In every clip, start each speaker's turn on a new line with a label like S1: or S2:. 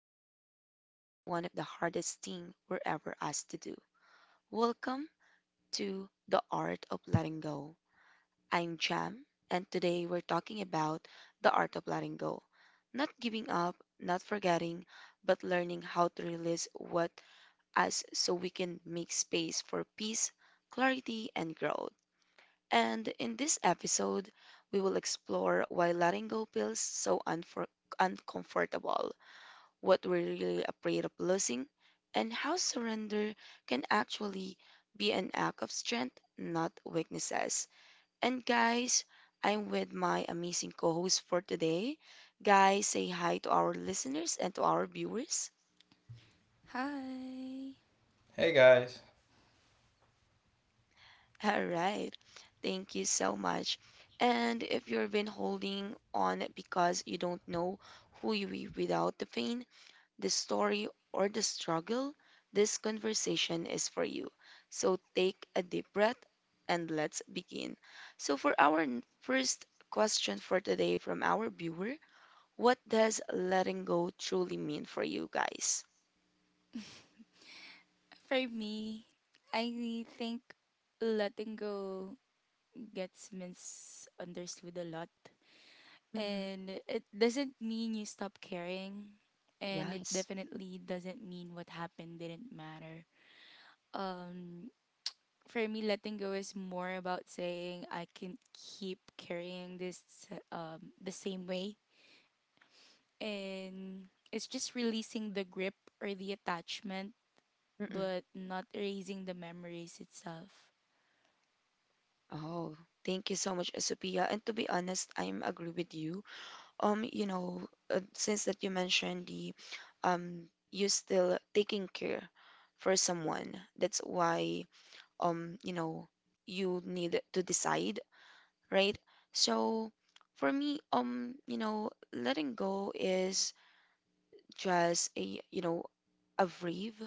S1: but it's one of the hardest things we're ever asked to do. Welcome to The Art of Letting Go. I'm Jam, and today we're talking about the art of letting go. Not giving up, not forgetting, but learning how to release what us so we can make space for peace, clarity, and growth. And in this episode, we will explore why letting go feels so uncomfortable, what we're really afraid of losing, and how surrender can actually be an act of strength, not weaknesses. And guys, I'm with my amazing co host for today. Guys, say hi to our listeners and to our viewers.
S2: Hi.
S3: Hey guys.
S1: All right. Thank you so much. And if you've been holding on because you don't know who you are without the pain, the story, or the struggle, this conversation is for you. So take a deep breath and let's begin. So, for our first question for today from our viewer, what does letting go truly mean for you guys?
S2: For me, I think letting go gets misunderstood a lot.
S1: Mm-mm.
S2: And it doesn't mean you stop caring. And it
S1: Yes.
S2: definitely doesn't mean what happened didn't matter. Um, for me, letting go is more about saying I can keep carrying this the same way. And it's just releasing the grip or the attachment
S1: Mm-mm.
S2: but not erasing the memories itself.
S1: Oh, thank you so much, Sophia. And to be honest, I'm agree with you. You know, since that you mentioned the you still taking care for someone. That's why you know you need to decide, right? So for me, you know, letting go is just a, you know, a brave,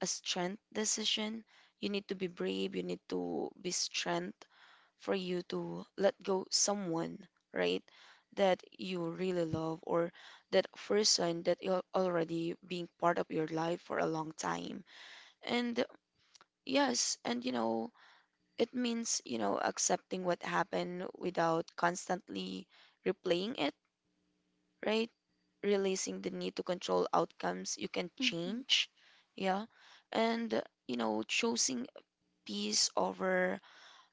S1: a strength decision. You need to be brave, you need to be strength for you to let go someone, right? That you really love, or that person that you're already being part of your life for a long time. And yes, and you know, it means, you know, accepting what happened without constantly replaying it, right? Releasing the need to control outcomes you can
S2: Mm-hmm.
S1: change. Yeah. And, you know, choosing peace over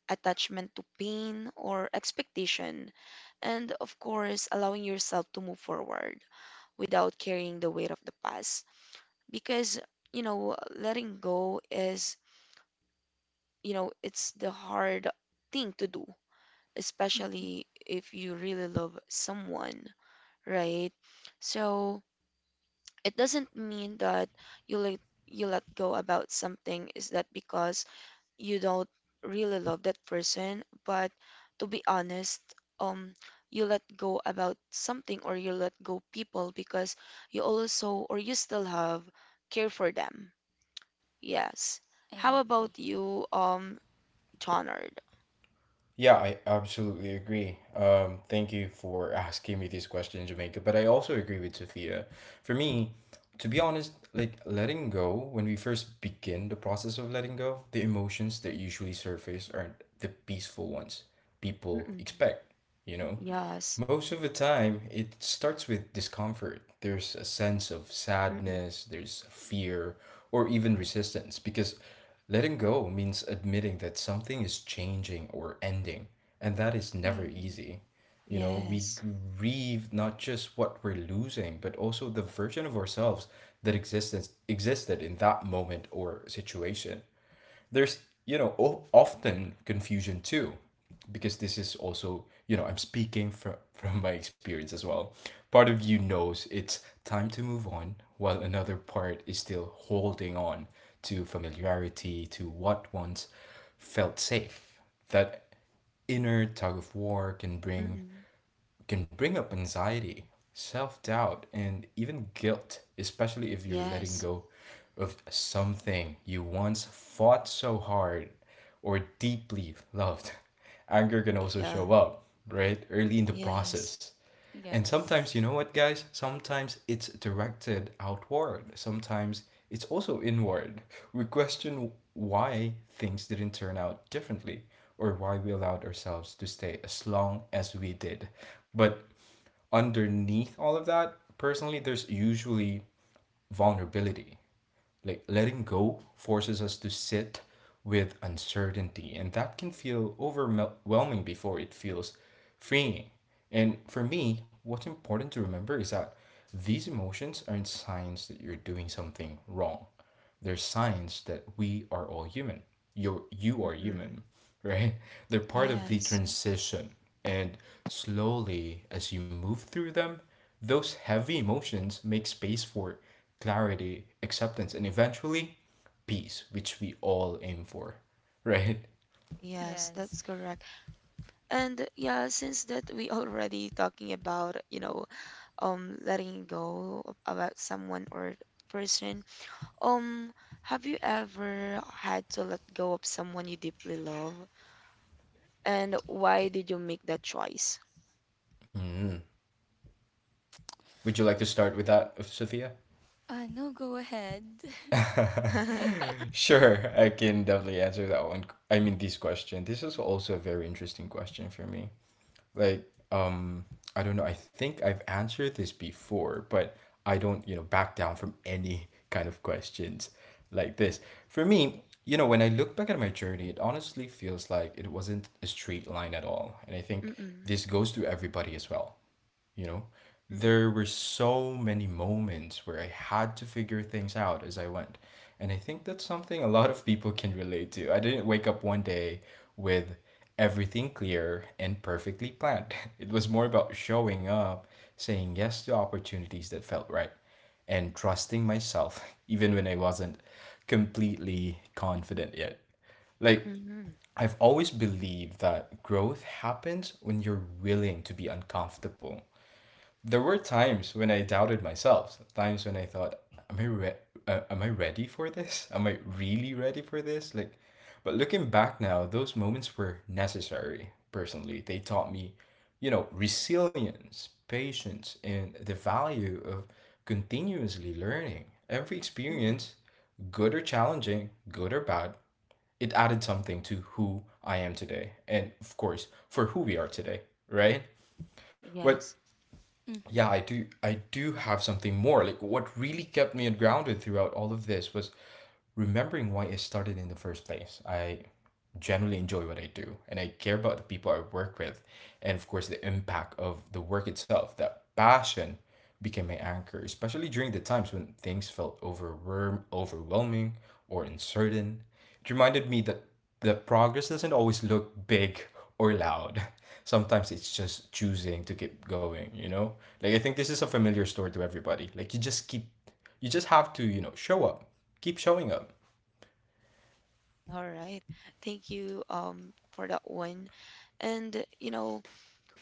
S1: attachment to pain or expectation. And of course, allowing yourself to move forward without carrying the weight of the past. Because, you know, letting go is, you know, it's the hard thing to do, especially if you really love someone, right? So it doesn't mean that you let you let go about something is that because you don't really love that person, but to be honest, um you let go about something or you let go people because you also or you still have care for them. Yes. How
S2: I agree.
S1: about you, Johnard?
S3: Yeah, I absolutely agree. Thank you for asking me this question, Jamaica. But I also agree with Sophia. For me, to be honest, like letting go, when we first begin the process of letting go, the emotions that usually surface aren't the peaceful ones people
S1: Mm-mm.
S3: expect, you know?
S1: Yes.
S3: Most of the time, it starts with discomfort. There's a sense of
S1: Mm-mm.
S3: sadness, there's fear, or even resistance because letting go means admitting that something is changing or ending, and that is never
S2: Mm-hmm.
S3: easy. You know, we
S1: Yes.
S3: grieve not just what we're losing, but also the version of ourselves that existed in that moment or situation. There's, you know, often confusion too, because this is also, you know, I'm speaking from my experience as well. Part of you knows it's time to move on while another part is still holding on to familiarity, to what once felt safe. That inner tug of war
S1: Mm-mm.
S3: can bring up anxiety, self doubt, and even guilt, especially if you're letting
S1: Yes.
S3: go of something you once fought so hard or deeply loved. Anger can also
S1: Yeah.
S3: show up, right, early in the
S1: Yes.
S3: process, and sometimes, you
S2: Yes.
S3: know what, guys? Sometimes it's directed outward. Sometimes it's also inward. We question why things didn't turn out differently or why we allowed ourselves to stay as long as we did. But underneath all of that, personally, there's usually vulnerability. Like, letting go forces us to sit with uncertainty, and that can feel overwhelming before it feels freeing. And for me, what's important to remember is that these emotions aren't signs that you're doing something wrong. They're signs that we are all human. You are human,
S1: Mm-mm.
S3: right? They're part of the
S1: Yes.
S2: Mm-hmm.
S3: transition. And slowly, as you move through them, those heavy emotions make space for clarity, acceptance, and eventually peace, which we all aim for, right?
S1: Yes,
S2: Yes.
S1: that's correct. And yeah, since that we already talking about, you know, letting about someone or person, um have you ever had to let go of someone you deeply love? And why did you make that choice?
S3: Would you like to start with that, Sophia?
S2: No, go ahead.
S1: Mm-mm.
S3: Sure, I can definitely answer that one. I mean, this question. This is also a very interesting question for me. Like um I don't know, I think I've answered this before, but I don't, you know, back down from any kind of questions like this. For me, you know, when I look back at my journey, it honestly feels like it wasn't a straight line at all, and I think this goes to everybody as well. You know,
S1: Mm-mm.
S3: there were so many moments where I had to figure things out as I went, and I think that's something a lot of people can relate to. I didn't wake up one day with everything clear and perfectly planned. It was more about showing up, saying yes to opportunities that felt right, and trusting myself even when I wasn't completely confident yet. Like,
S1: Mm-mm.
S3: I've always believed that growth happens when you're willing to be uncomfortable. There were times when I doubted myself. Times when I thought, "Am I am I ready for this? Am I really ready for this?" Like, but looking back now, those moments were necessary. Personally, they taught me, you know, resilience, patience, and the value of continuously learning. Every
S1: Mm-mm.
S3: experience, good or challenging, good or bad, it added something to who I am today, and of course, for who we are today, right? But
S1: Yes.
S3: yeah,
S2: Mm-hmm.
S3: I do have something more. Like, what really kept me grounded throughout all of this was remembering why it started in the first place. I generally enjoy what I do, and I care about the people I work with, and of course the impact of the work itself. That passion became my anchor, especially during the times when things felt overwhelming or uncertain. It reminded me that the progress doesn't always look big or loud. Sometimes it's just choosing to keep going, you know? Like, I think this is a familiar story to everybody. Like, you just keep you just have to, you know, show up. Keep showing up.
S1: All right. Thank you for that one. And you know,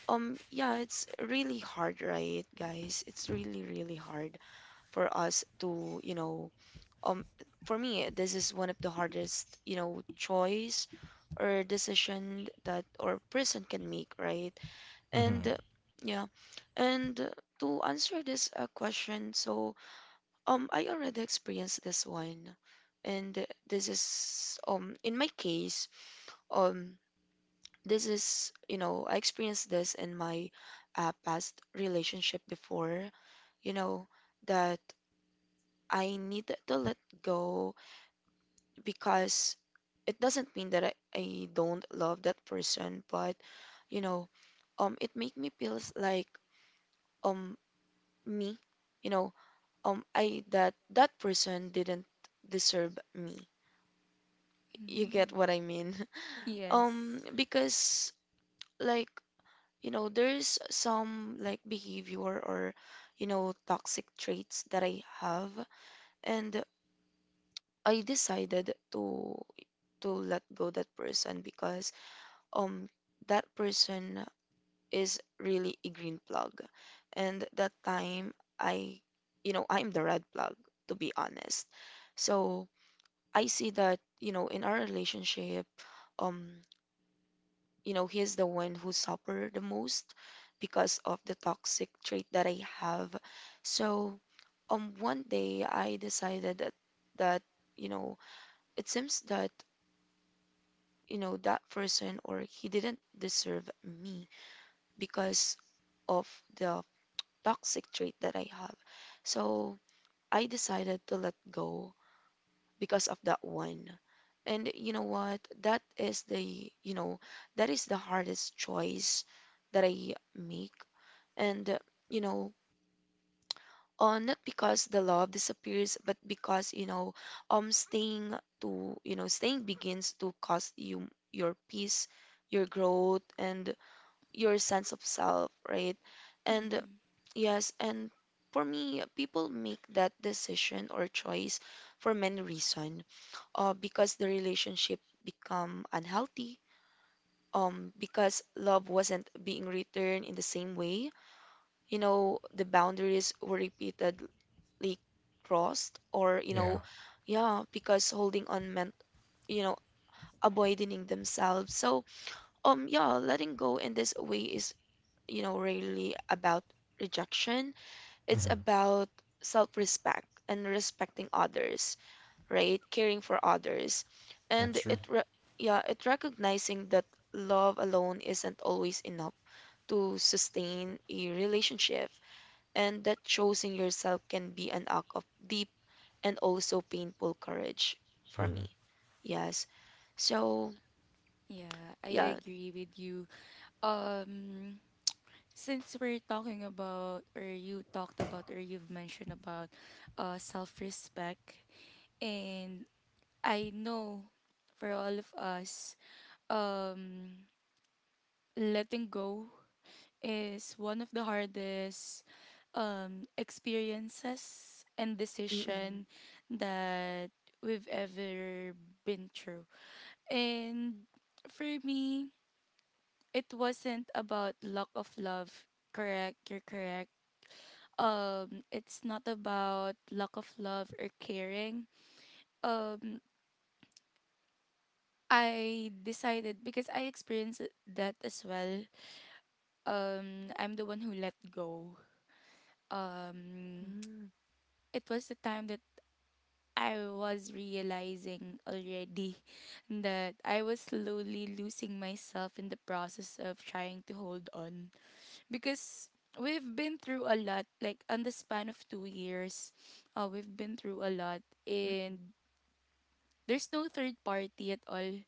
S1: yeah, it's really hard, right, guys? It's really, really hard for us to, you know, um for me, this is one of the hardest, you know, choice or decision that or person can make, right? And
S3: Mm-hmm.
S1: yeah, and to answer this question, so I already experienced this one, and this is in my case, um this is, you know, I experienced this in my past relationship before, you know, that I need to let go because it doesn't mean that I don't love that person, but you know, it make me feels like um me, you know, I that that person didn't deserve me. You get what
S2: Mm.
S1: I mean?
S2: Yes.
S1: Because, like, you know, there's some like behavior or, you know, toxic traits that I have, and I decided to let go that person because um that person is really a green plug, and that time I, you know, I'm the red plug, to be honest. So I see that, you know, in our relationship, um you know, he's the one who suffered the most because of the toxic trait that I have. So, one day I decided that, you know, it seems that, you know, that person or he didn't deserve me because of the toxic trait that I have. So, I decided to let go because of that one. And you know what? That is the, you know, that is the hardest choice that I make, and you know, not because the love disappears but because, you know, staying to, you know, staying begins to cost you your peace, your growth, and your sense of self, right? And yes, and for me, people make that decision or choice for many reasons. Because the relationship become unhealthy, because love wasn't being returned in the same way, you know, the boundaries were repeated accidentally crossed or, you
S3: Yeah.
S1: know, yeah, because holding on meant, you know, avoiding themselves. So yeah, letting go in this way is, you know, really about rejection. It's
S3: Mm-hmm.
S1: about self-respect and respecting others, right? Caring for others.
S3: That's
S1: And
S3: true.
S1: yeah, it recognizing that love alone isn't always enough to sustain a relationship, and that choosing yourself can be an act of deep and also painful courage for me.
S3: Mm-hmm.
S1: Yes. So,
S2: Yeah, I
S1: yeah.
S2: agree with you. Um, since we're talking about, or you talked about, or you've mentioned about self respect, and I know for all of us, um, letting go is one of the hardest experiences and
S1: Mm-mm.
S2: decision that we've ever been through. And for me, it wasn't about lack of love. Correct, you're correct. It's not about lack of love or caring. Um, I decided because I experienced that as well. I'm the one who let go. Um,
S1: Mm,
S2: it was the time that I was realizing already that I was slowly losing myself in the process of trying to hold on because we've been through a lot like on the span of 2 years. We've been through a lot
S1: mm,
S2: and there's no third party at all.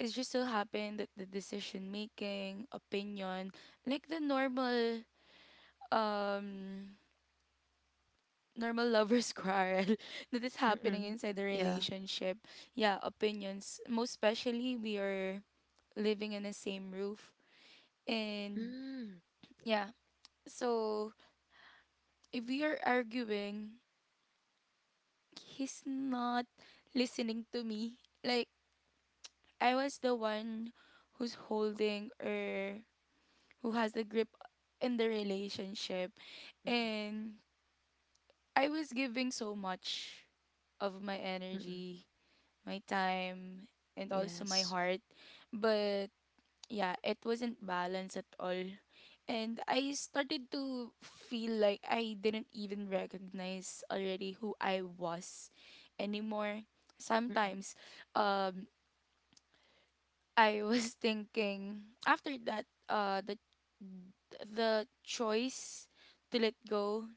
S2: It's just so happened that the decision making, opinion, like the normal um normal lovers quarrel that is
S1: mm,
S2: happening
S1: mm,
S2: inside the
S1: yeah,
S2: relationship. Yeah, opinions. Most especially we are living in the same roof. And
S1: mm,
S2: yeah. So if we are arguing, he's not listening to me. Like I was the one who's holding or who has the grip in the relationship
S1: mm,
S2: and I was giving so much of my
S1: mm,
S2: energy my time, and also my
S1: yes,
S2: heart. But yeah, it wasn't balanced at all. And I started to feel like I didn't even recognize already who I was anymore.
S1: mm,
S2: Sometimes, um, I was thinking after that, the choice to let go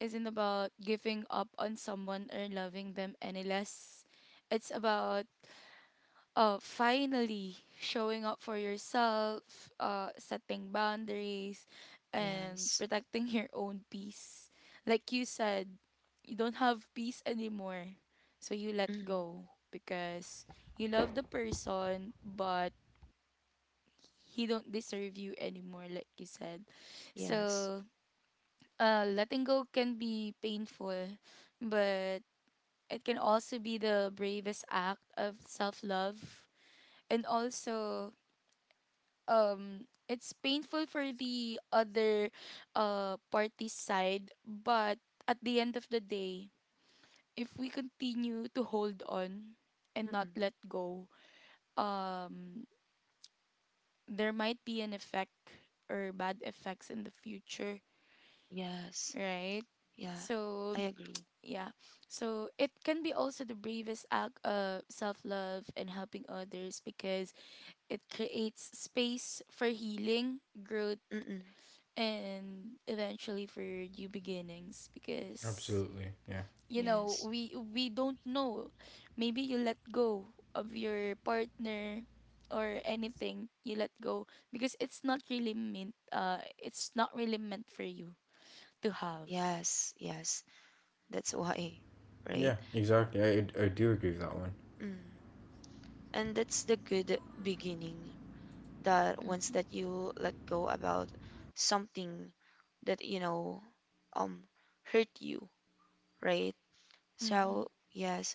S2: isn't about giving up on someone or loving them any less. It's about finally showing up for yourself, setting boundaries, and
S1: yes,
S2: protecting your own peace. Like you said, you don't have peace anymore, so you let
S1: mm,
S2: go because you love the person, but he don't deserve you anymore, like you said.
S1: yes,
S2: So, letting go can be painful, but it can also be the bravest act of self love and also um it's painful for the other party side, but at the end of the day, if we continue to hold on and
S1: mm,
S2: not
S1: mm.
S2: let go, um there might be an effect or bad effects in the future,
S1: Yes.
S2: right?
S1: Yeah.
S2: So
S1: I agree.
S2: yeah, so it can be also the bravest act of self-love and helping others because it creates space for healing growth
S1: Mm-mm.
S2: and eventually for new beginnings because
S3: Absolutely. Yeah.
S2: you know
S1: Yes.
S2: we don't know, maybe you let go of your partner or anything you let go because it's not really meant, it's not really meant for you to have.
S1: Yes. Yes. That's why, right?
S3: Yeah, exactly. I, do agree with that one.
S1: Mm. And that's the good beginning. The ones that
S2: Mm-hmm.
S1: you let go about something that, you know, um hurt you, right?
S2: Mm-hmm.
S1: So yes,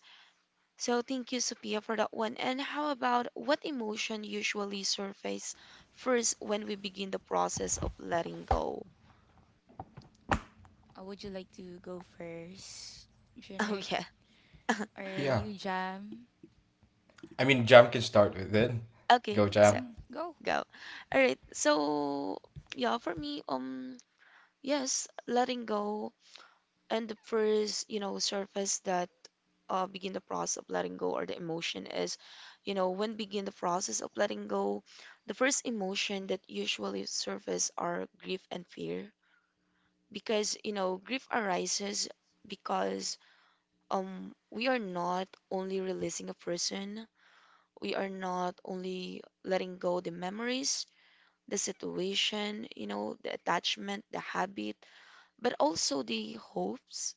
S1: so thank you, Sophia, for that one. And how about what emotion usually surface first when we begin the process of letting go?
S2: Would you like to go first
S1: Oh
S2: Jernard
S1: yeah.
S2: or
S3: Yeah.
S2: you jam?
S3: I mean, Jam can start with it.
S1: Okay,
S3: Go,
S1: so
S3: Jam.
S2: Mm, go.
S1: go. All right, so yeah, for me, yes, letting go, and the first, you know, surface that begin the process of letting go or the emotion is, you know, when begin the process of letting go, the first emotion that usually surface are grief and fear. Because, you know, grief arises because we are not only releasing a person, we are not only letting go the memories, the situation, you know, the attachment, the habit, but also the hopes,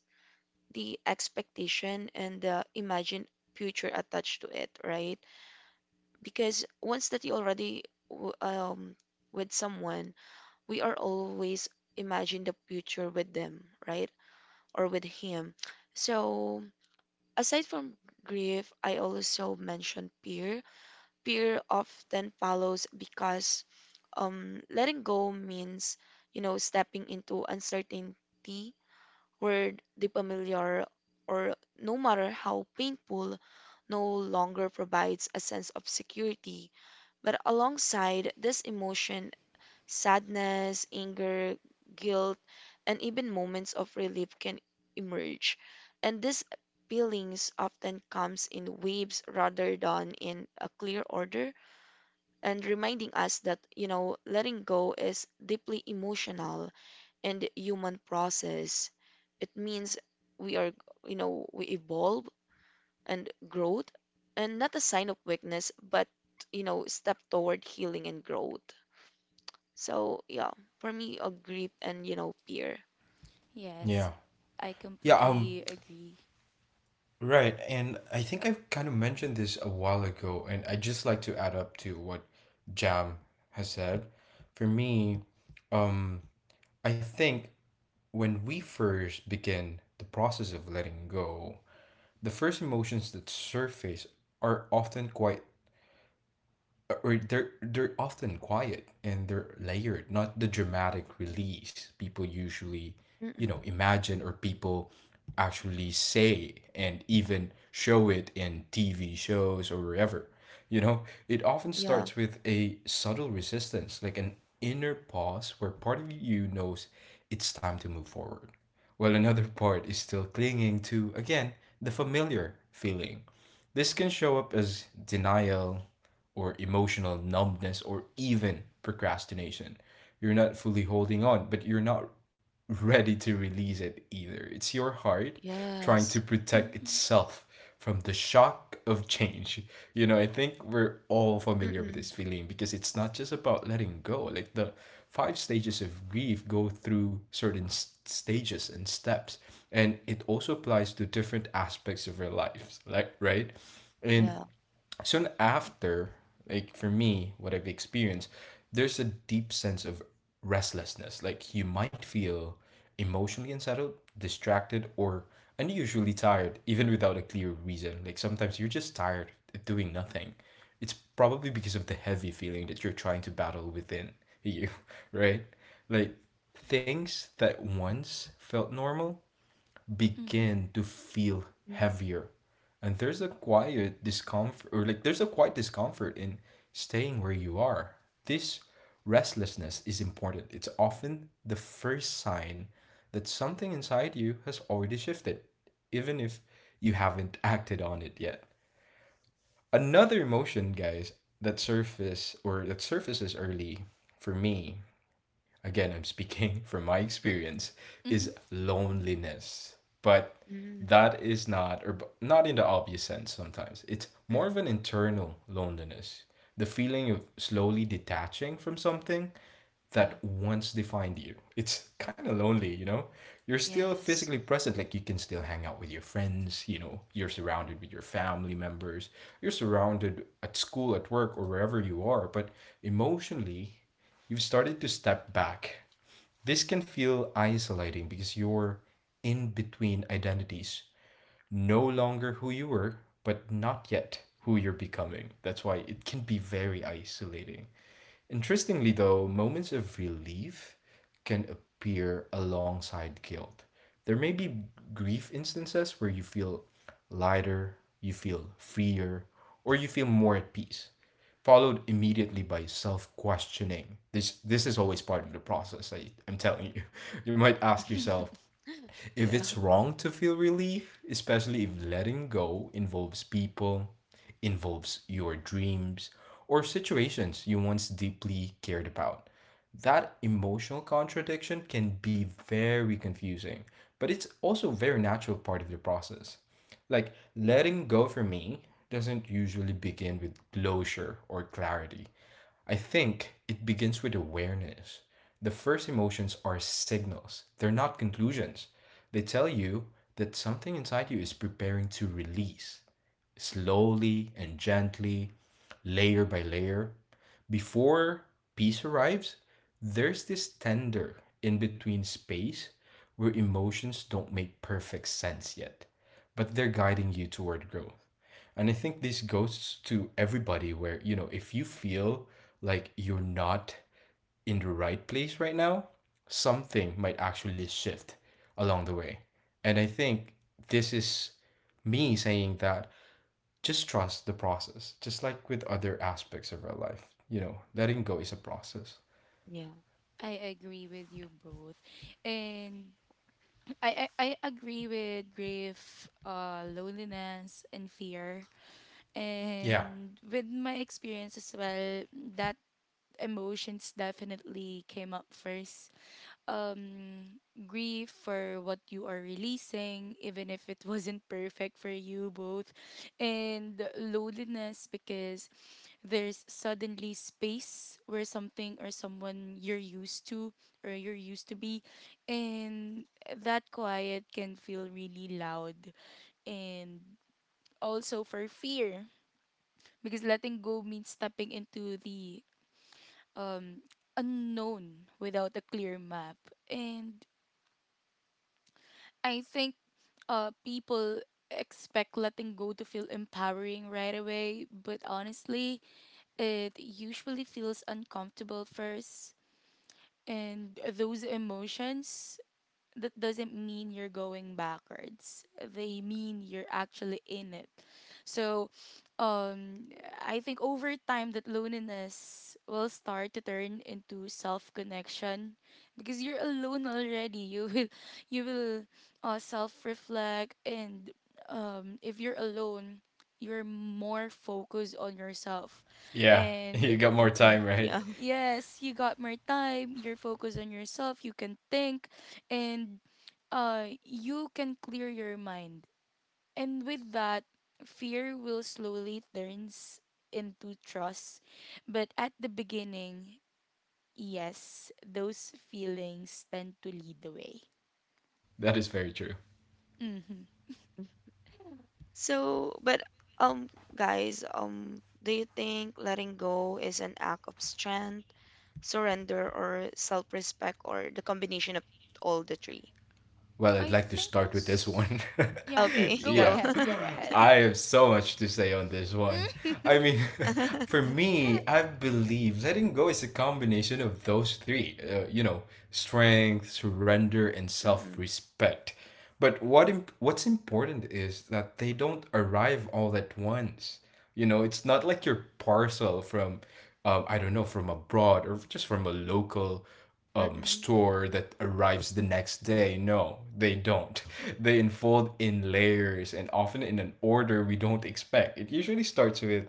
S1: the expectation, and the imagined future attached to it, right? Because once that you already w- um with someone, we are always imagine the future with them, right? Or with him. So aside from grief, I also mentioned fear. Fear often follows because letting go means, you know, stepping into uncertainty where the familiar, or no matter how painful, no longer provides a sense of security. But alongside this emotion, sadness, anger, guilt, and even moments of relief can emerge. And these feelings often comes in waves rather than in a clear order, and reminding us that, you know, letting go is deeply emotional and human process. It means we are, you know, we evolve and growth, and not a sign of weakness, but, you know, step toward healing and growth. So yeah, for me, a grip and, you know, peer.
S2: Yes,
S3: Yeah.
S2: I
S3: Yeah, um,
S2: completely agree.
S3: right. And I think I've kind of mentioned this a while ago, and I just like to add up to what Jam has said. For me, um, I think when we first begin the process of letting go, the first emotions that surface are often quite, or they're often quiet and they're layered, not the dramatic release people usually, you know,
S1: Mm-mm.
S3: imagine, or people actually say and even show it in TV shows or wherever. You know, it often
S1: Yeah.
S3: starts with a subtle resistance, like an inner pause where part of you knows it's time to move forward, while another part is still clinging to, again, the familiar feeling. This can show up as denial, or emotional numbness, or even procrastination. You're not fully holding on, but you're not ready to release it either. It's your heart trying to
S1: Yes.
S3: protect
S2: Mm-hmm.
S3: itself from the shock of change. You know, I think we're all familiar with
S1: Mm-mm.
S3: this feeling because it's not just about letting go. Like, the five stages of grief go through certain stages and steps, and it also applies to different aspects of your life, like, right? And
S1: Yeah.
S3: soon after, like for me, what I've experienced, there's a deep sense of restlessness. Like, you might feel emotionally unsettled, distracted, or unusually tired, even without a clear reason. Like, sometimes you're just tired of doing nothing. It's probably because of the heavy feeling that you're trying to battle within you, right? Like, things that once felt normal
S2: Mm-hmm.
S3: begin to feel
S1: Mm-mm.
S3: heavier, and there's a quiet discomfort in staying where you are. This restlessness is important. It's often the first sign that something inside you has already shifted, even if you haven't acted on it yet. Another emotion, guys, that surface or that surfaces early for me, again, I'm speaking from my experience,
S2: Mm-hmm.
S3: is loneliness. But
S1: Mm-mm.
S3: that is not, or not in the obvious sense sometimes. It's more of
S1: Mm-mm.
S3: an internal loneliness, the feeling of slowly detaching from something
S1: Yeah.
S3: that once defined you. It's kind of lonely, you know? You're still
S1: Yes.
S3: physically present, like you can still hang out with your friends, you know, you're surrounded with your family members, you're surrounded at school, at work, or wherever you are, but emotionally, you've started to step back. This can feel isolating because you're in between identities, no longer who you were, but not yet who you're becoming. That's why it can be very isolating. Interestingly, though, moments of relief can appear alongside guilt. There may be grief instances where you feel lighter, you feel freer, or you feel more at peace, followed immediately by self questioning. This is always part of the process, I'm telling you. You might ask yourself if
S1: Yeah.
S3: it's wrong to feel relief, especially if letting go involves people, involves your dreams, or situations you once deeply cared about. That emotional contradiction can be very confusing, but it's also a very natural part of the process. Like, letting go for me doesn't usually begin with closure or clarity. I think it begins with awareness. The first emotions are signals, they're not conclusions. They tell you that something inside you is preparing to release slowly and gently, layer by layer. Before peace arrives, there's this tender in between space where emotions don't make perfect sense yet, but they're guiding you toward growth. And I think this goes to everybody where, you know, if you feel like you're not in the right place right now, something might actually shift along the way. And I think this is me saying that just trust the process, just like with other aspects of our life. You know, letting go is a process.
S1: Yeah.
S2: I agree with you both. And I agree with grief, loneliness, and fear.
S3: Yeah.
S2: And with my experience as well, that emotions definitely came up first, um grief for what you are releasing even if it wasn't perfect for you both, and loneliness because there's suddenly space where something or someone you're used to or you're used to be, and that quiet can feel really loud. And also for fear, because letting go means stepping into the um unknown without a clear map. And I think people expect letting go to feel empowering right away, but honestly, it usually feels uncomfortable first. And those emotions, that doesn't mean you're going backwards. They mean you're actually in it. So, um, I think over time that loneliness will start to turn into self connection because you're alone already. You will self reflect, and if you're alone, you're more focused on yourself,
S3: Yeah.
S2: and
S3: You got more
S1: Mm-mm.
S3: time, right?
S1: Yeah.
S2: yes, you got more time, you're focused on yourself, you can think, and you can clear your mind. And with that, fear will slowly turns into trust. But at the beginning, yes, those feelings tend to lead the way.
S3: That is very true.
S2: Mm-hmm.
S1: So, but um, guys, do you think letting go is an act of strength, surrender, or self-respect, or the combination of all the three?
S3: Well, I'd
S2: I
S3: like to
S2: think
S3: start with this one.
S2: it's. Yeah,
S1: Okay, you
S2: go
S3: Yeah,
S1: go.
S2: ahead, go ahead.
S3: I have so much to say on this one. I mean, for me, I believe letting go is a combination of those three, you know, strength, surrender, and self
S1: Mm-mm.
S3: respect. But what's important is that they don't arrive all at once. You know, it's not like your parcel from, I don't know, from abroad or just from a local
S1: Mm-mm.
S3: store that arrives the next day. No, they don't. They unfold in layers, and often in an order we don't expect. It usually starts with,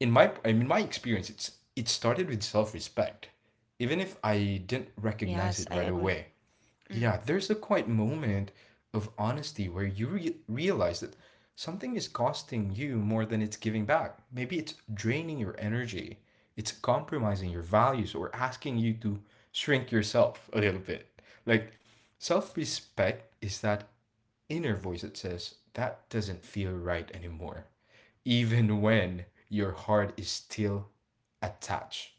S3: in my, my experience, it started with self respect, even if I didn't recognize
S1: Yes,
S3: it
S1: I
S3: right
S1: agree.
S3: away. Yeah,
S1: Mm,
S3: there's a quiet moment of honesty where you realize that something is costing you more than it's giving back. Maybe it's draining your energy, it's compromising your values, or asking you to shrink yourself a little bit. Like, self respect is that inner voice that says, that doesn't feel right anymore, even when your heart is still attached.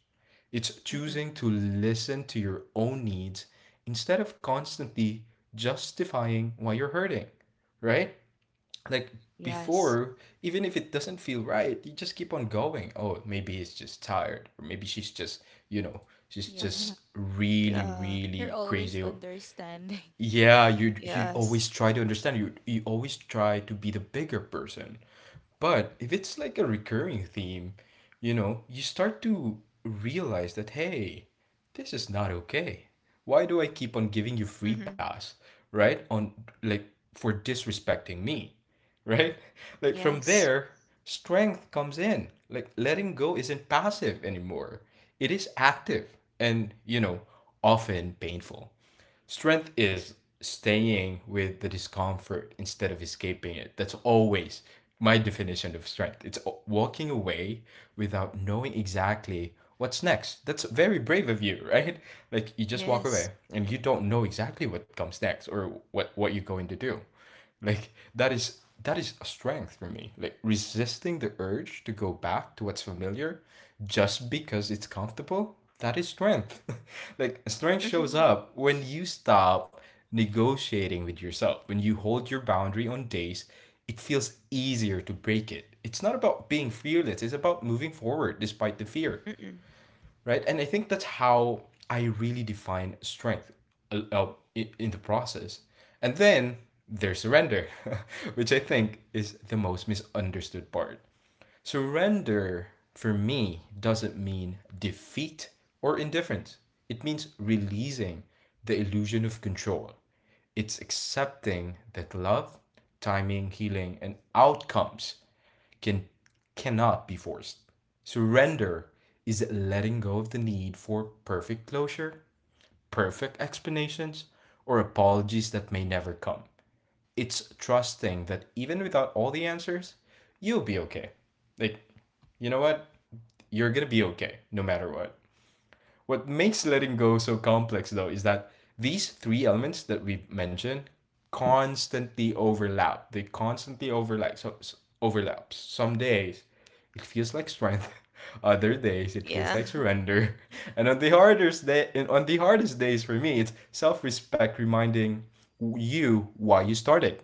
S3: It's
S1: mm-mm.
S3: choosing to listen to your own needs instead of constantly justifying why you're hurting, right? Like
S1: Yes.
S3: before, even if it doesn't feel right, you just keep on going. Oh, maybe it's just tired, or maybe she's just, you know, she's
S1: Mhm.
S2: Yeah,
S3: just really,
S1: Yeah.
S2: you're
S3: really
S2: always
S3: crazy. Or-
S2: understanding.
S3: Yeah, you
S1: Yes.
S3: always try to understand. You always try to be the bigger person, but if it's like a recurring theme, you know, you start to realize that, hey, this is not okay. Why do I keep on giving you free
S1: Mm-hmm.
S3: pass, right? On like for disrespecting me, right? Like from
S1: Yes.
S3: there, strength comes in. Like letting go isn't passive anymore, it is active and, you know, often painful. Strength is staying with the discomfort instead of escaping it. That's always my definition of strength. It's walking away without knowing exactly what's next. That's very brave of you, right? Like you just walk
S1: Yes.
S3: away and you don't know exactly what comes next or what you're going to do. Like that is a strength for me. Like resisting the urge to go back to what's familiar just because it's comfortable, that is strength. Like strength shows
S1: Mm-hmm.
S3: up when you stop negotiating with yourself. When you hold your boundary on days, it feels easier to break it. It's not about being fearless, it's about moving forward despite the fear,
S1: Mm-mm.
S3: right? And I think that's how I really define strength uh, uh, in the process. And then there's surrender, which I think is the most misunderstood part. Surrender for me doesn't mean defeat or indifference, it means releasing the illusion of control. It's accepting that love, timing, healing, and outcomes can cannot be forced. Surrender is letting go of the need for perfect closure, perfect explanations, or apologies that may never come. It's trusting that even without all the answers, you'll be okay. Like, you know what? You're gonna be okay no matter what. What makes letting go so complex, though, is that these three elements that we've mentioned constantly overlap. They constantly overlap. So, so overlaps. Some days it feels like strength. Other days it feels
S1: Yeah.
S3: like surrender. And on the hardest days for me, it's self-respect reminding you why you started.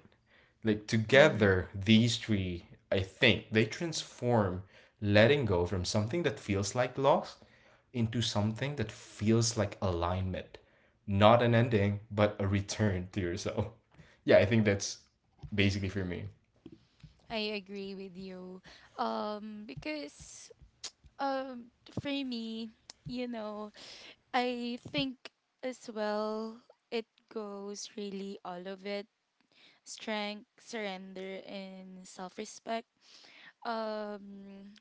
S3: Like
S1: Mm-hmm.
S3: together these three, I think they transform letting go from something that feels like loss into something that feels like alignment, not an ending but a return to yourself. Yeah, I think that's basically for me.
S2: I agree with you. Because um, for me, you know, I think as well it goes really all of it: strength, surrender, and self respect. Um,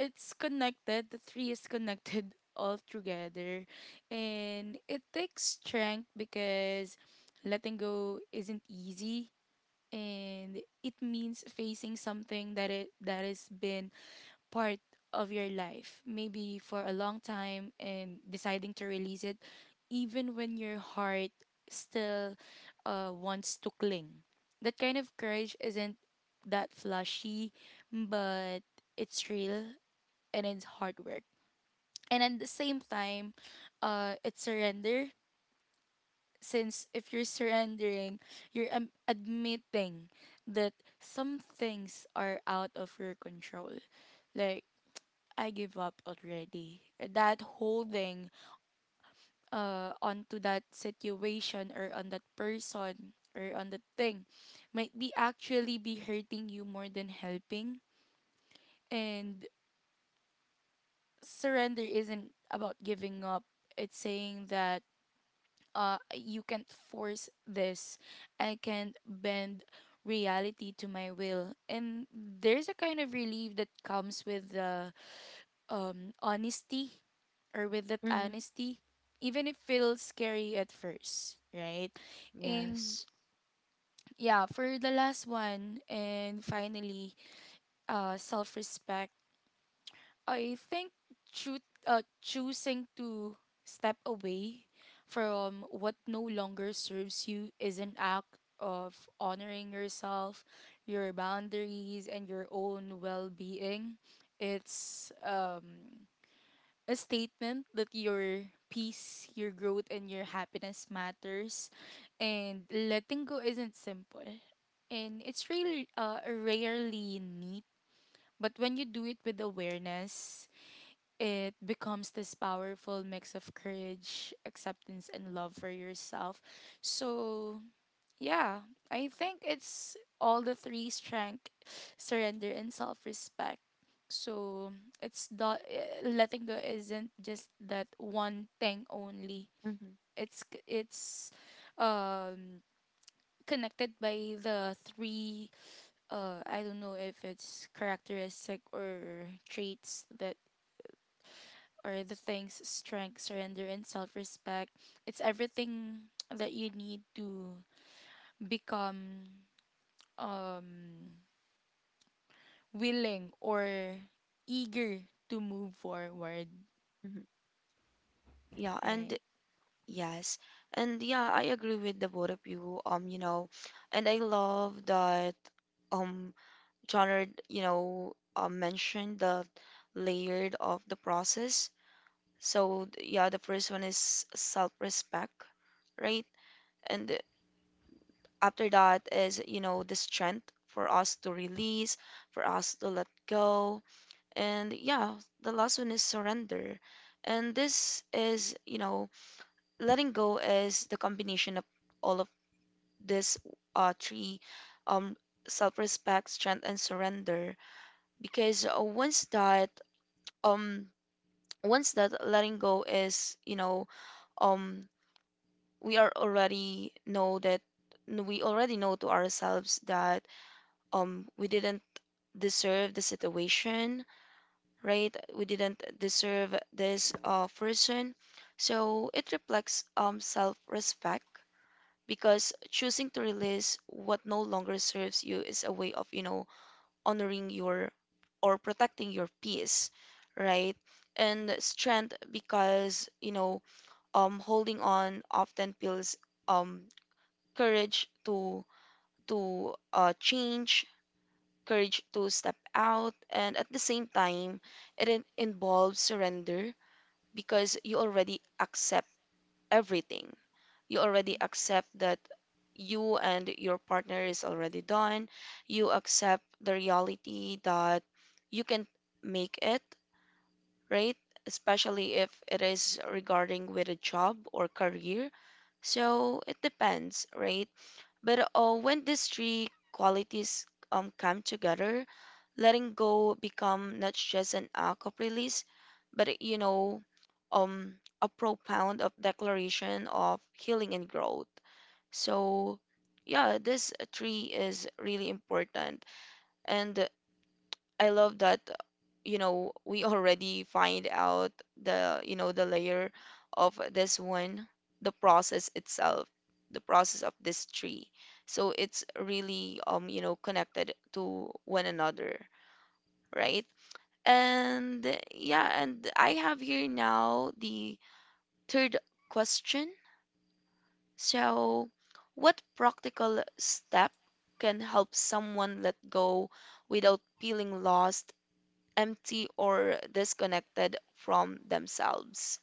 S2: it's connected, the three is connected all together, and it takes strength because letting go isn't easy, and it means facing something that it that has been part of your life, maybe for a long time, and deciding to release it, even when your heart still wants to cling. That kind of courage isn't that flashy, but it's real and it's hard work. And at the same time, it's surrender. Since if you're surrendering, you're admitting that some things are out of your control. Like I give up already. That holding onto that situation or on that person or on that thing might be actually be hurting you more than helping. And surrender isn't about giving up. It's saying that you can't force this. I can't bend reality to my will. And there's a kind of relief that comes with the honesty or with that
S1: Mm-hmm.
S2: honesty, even if feels scary at first, right? And
S1: Yes.
S2: yeah, for the last one and finally, self-respect, I think choosing to step away from what no longer serves you is an act of honoring yourself, your boundaries and your own well-being. It's a statement that your peace, your growth, and your happiness matters. And letting go isn't simple. And it's really rarely neat. But when you do it with awareness, it becomes this powerful mix of courage, acceptance, and love for yourself. So yeah, I think it's all the three: strength, surrender, and self respect. So it's not letting go isn't just that one thing only.
S1: Mm-hmm.
S2: It's um connected by the three, I don't know if it's characteristic or traits, that are the things strength, surrender, and self respect. It's everything that you need to become um willing or eager to move forward,
S1: Mm-hmm. Yeah, and
S2: right?
S1: yes. And yeah, I agree with the both of you. You know, and I love that um genre, you know, mentioned the layered of the process. So yeah, the first one is self-respect, right? And after that is, you know, the strength for us to release, for us to let go. And yeah, the last one is surrender. And this is, you know, letting go is the combination of all of this three, um self-respect, strength, and surrender. Because um once that letting go is, you know, um we are already know that, we already know to ourselves that we didn't deserve the situation, right? We didn't deserve this person. So it reflects self-respect, because choosing to release what no longer serves you is a way of, you know, honoring your or protecting your peace, right? And strength because, you know, holding on often feels um courage to change, courage to step out, and at the same time, it involves surrender because you already accept everything. You already accept that you and your partner is already done. You accept the reality that you can make it, right? Especially if it is regarding with a job or career. So it depends, right? But when these three qualities come together, letting go become not just an act of release, but, you know, um, a profound of declaration of healing and growth. So, yeah, this tree is really important, and I love that we already find out the you know the layer of this one, the process itself, the process of this tree, so it's really connected to one another, right? And yeah, and I have here now the third question. So what practical step can help someone let go without feeling lost, empty, or disconnected from themselves?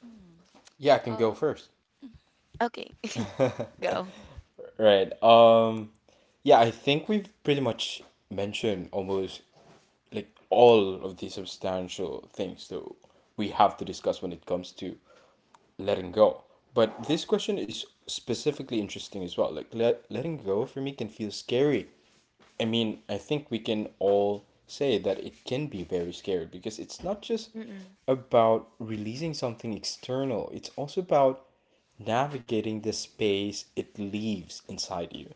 S2: Hmm.
S3: Yeah, I can
S2: Uh,
S3: go first.
S1: Okay, go.
S3: Right. Yeah, I think we've pretty much mentioned almost like all of the substantial things that we have to discuss when it comes to letting go. But this question is specifically interesting as well. Letting go for me can feel scary. I mean, I think we can all say that it can be very scary because it's not just
S1: Mm-mm.
S3: about releasing something external, it's also about navigating the space it leaves inside you.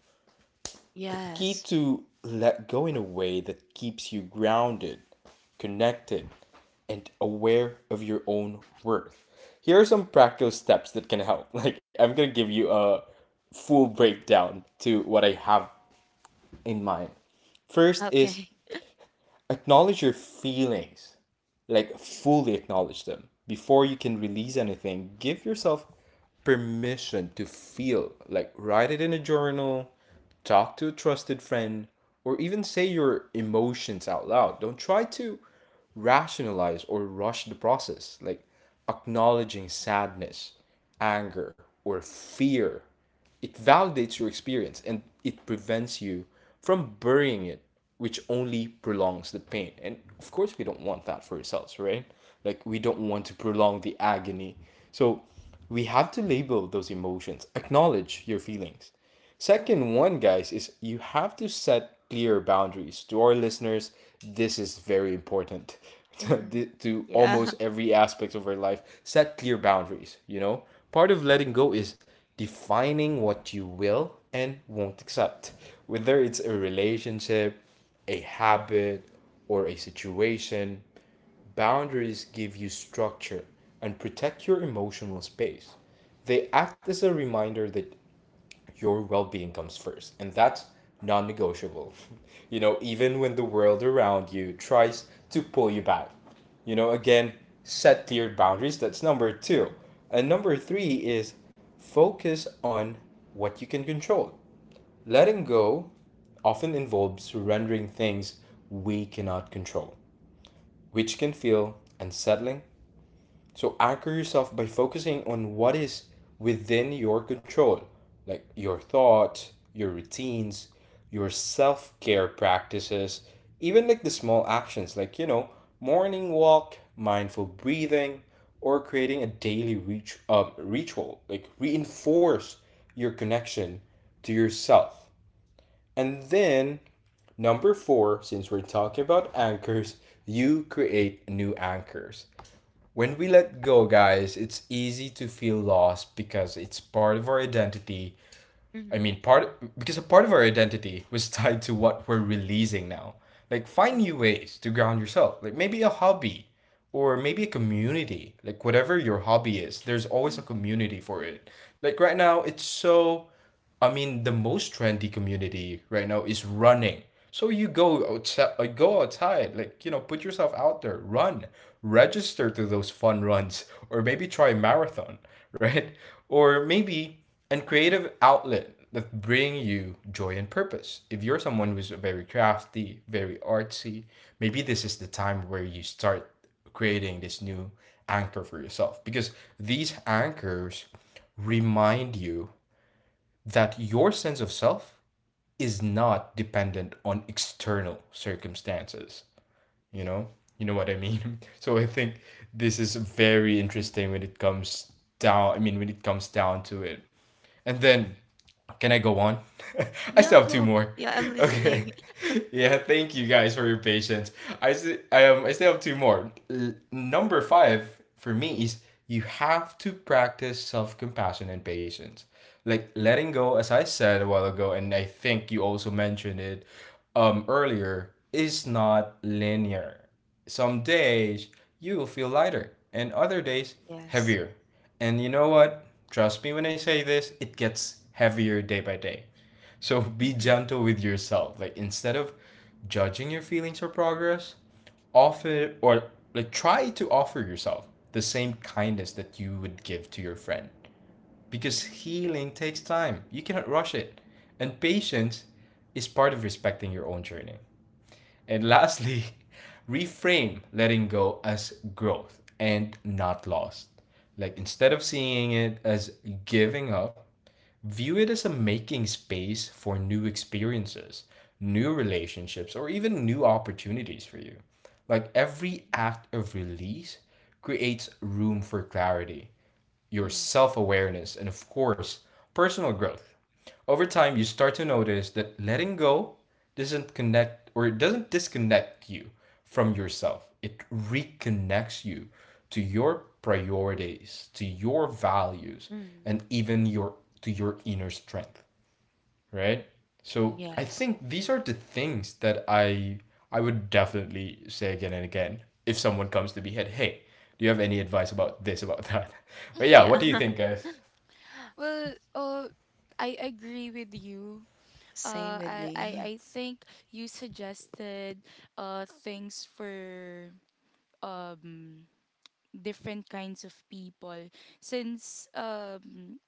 S3: The key
S1: Yes.
S3: to let go in a way that keeps you grounded, connected, and aware of your own worth. Here are some practical steps that can help. Like, I'm gonna give you a full breakdown to what I have in mind. First is
S1: Okay.
S3: acknowledge your feelings, like fully acknowledge them before you can release anything. Give yourself permission to feel, like write it in a journal, talk to a trusted friend, or even say your emotions out loud. Don't try to rationalize or rush the process, like acknowledging sadness, anger, or fear, it validates your experience and it prevents you from burying it, which only prolongs the pain. And of course, we don't want that for ourselves, right? Like, we don't want to prolong the agony. So, we have to label those emotions, acknowledge your feelings. Second one, guys, is you have to set clear boundaries. To our listeners, this is very important
S1: Mm-hmm.
S3: to,
S1: Yeah.
S3: almost every aspect of our life. Set clear boundaries, you know? Part of letting go is defining what you will and won't accept, whether it's a relationship, a habit, or a situation. Boundaries give you structure and protect your emotional space. They act as a reminder that your well-being comes first and that's non-negotiable, you know, even when the world around you tries to pull you back. You know, again, set clear boundaries, that's number 2. And number 3 is focus on what you can control. Letting go often involves surrendering things we cannot control, which can feel unsettling, so anchor yourself by focusing on what is within your control, like your thoughts, your routines, your self care practices, even like the small actions, like, you know, morning walk, mindful breathing, or creating a daily ritual. Like, reinforce your connection to yourself. And then, number four, since we're talking about anchors, you create new anchors. When we let go, guys, it's easy to feel lost because it's part of our identity. I
S1: Mm-hmm.
S3: mean, part Because a part of our identity was tied to what we're releasing now. Like, find
S1: Mm-mm.
S3: new ways to ground yourself. Like, maybe a hobby or maybe a community. Like, whatever your hobby is, there's always a
S2: mhm.
S3: community for it. Like, right now, it's so. I mean, the most trendy community right now is running. So you go outside, like you know, put yourself out there, run, register to those fun runs, or maybe try a marathon, right? Or maybe and creative outlet that bring you joy and purpose. If you're someone who's very crafty, very artsy, maybe this is the time where you start creating this new anchor for yourself because these anchors remind you that your sense of self is not dependent on external circumstances, you know? You know what I mean? So I think this is very
S1: Mm.
S3: interesting when it comes down I mean when it comes down to it. And then, can I go on? I
S2: Go.
S3: still
S1: Yeah,
S3: have two
S1: go.
S3: more.
S1: Yeah, I'm
S3: Okay.
S1: listening.
S3: Yeah, thank you guys for your patience. I still have two more. Number five for me is you have to practice self compassion and patience. Like
S1: Mm-mm.
S3: letting go, as I said a while ago, and I think you also mentioned it earlier, is not linear. Some days you will feel lighter, and other days
S1: Yes.
S3: heavier. And you know what? Trust me when I say this, it gets heavier day by day. So be
S1: Mm-hmm.
S3: gentle with yourself. Like instead of judging your feelings or progress, offer or like try to offer yourself the same kindness that you would give to your friend. Because healing takes time. You cannot rush it. And patience is part of respecting your own journey. And lastly, reframe letting go as growth and not lost. Like instead of seeing it as giving up, view it as a making space for new experiences, new relationships, or even new opportunities for you. Like every act of release creates room for clarity, your
S2: Mhm.
S3: self awareness, and of course, personal growth. Over time, you start to notice that letting go doesn't disconnect you from yourself. It reconnects you to your priorities, to your values,
S1: Mm-hmm.
S3: and even your to your inner strength, right? So
S2: Mm.
S3: I
S1: Yes.
S3: think these are the things that I would definitely say again and again if someone comes to me and hey, do you have any advice about this about that? But yeah,
S1: Yeah.
S3: what do you think, guys?
S2: Well, I agree with you.
S1: Same with me.
S2: I think you suggested things for um, different kinds of people, since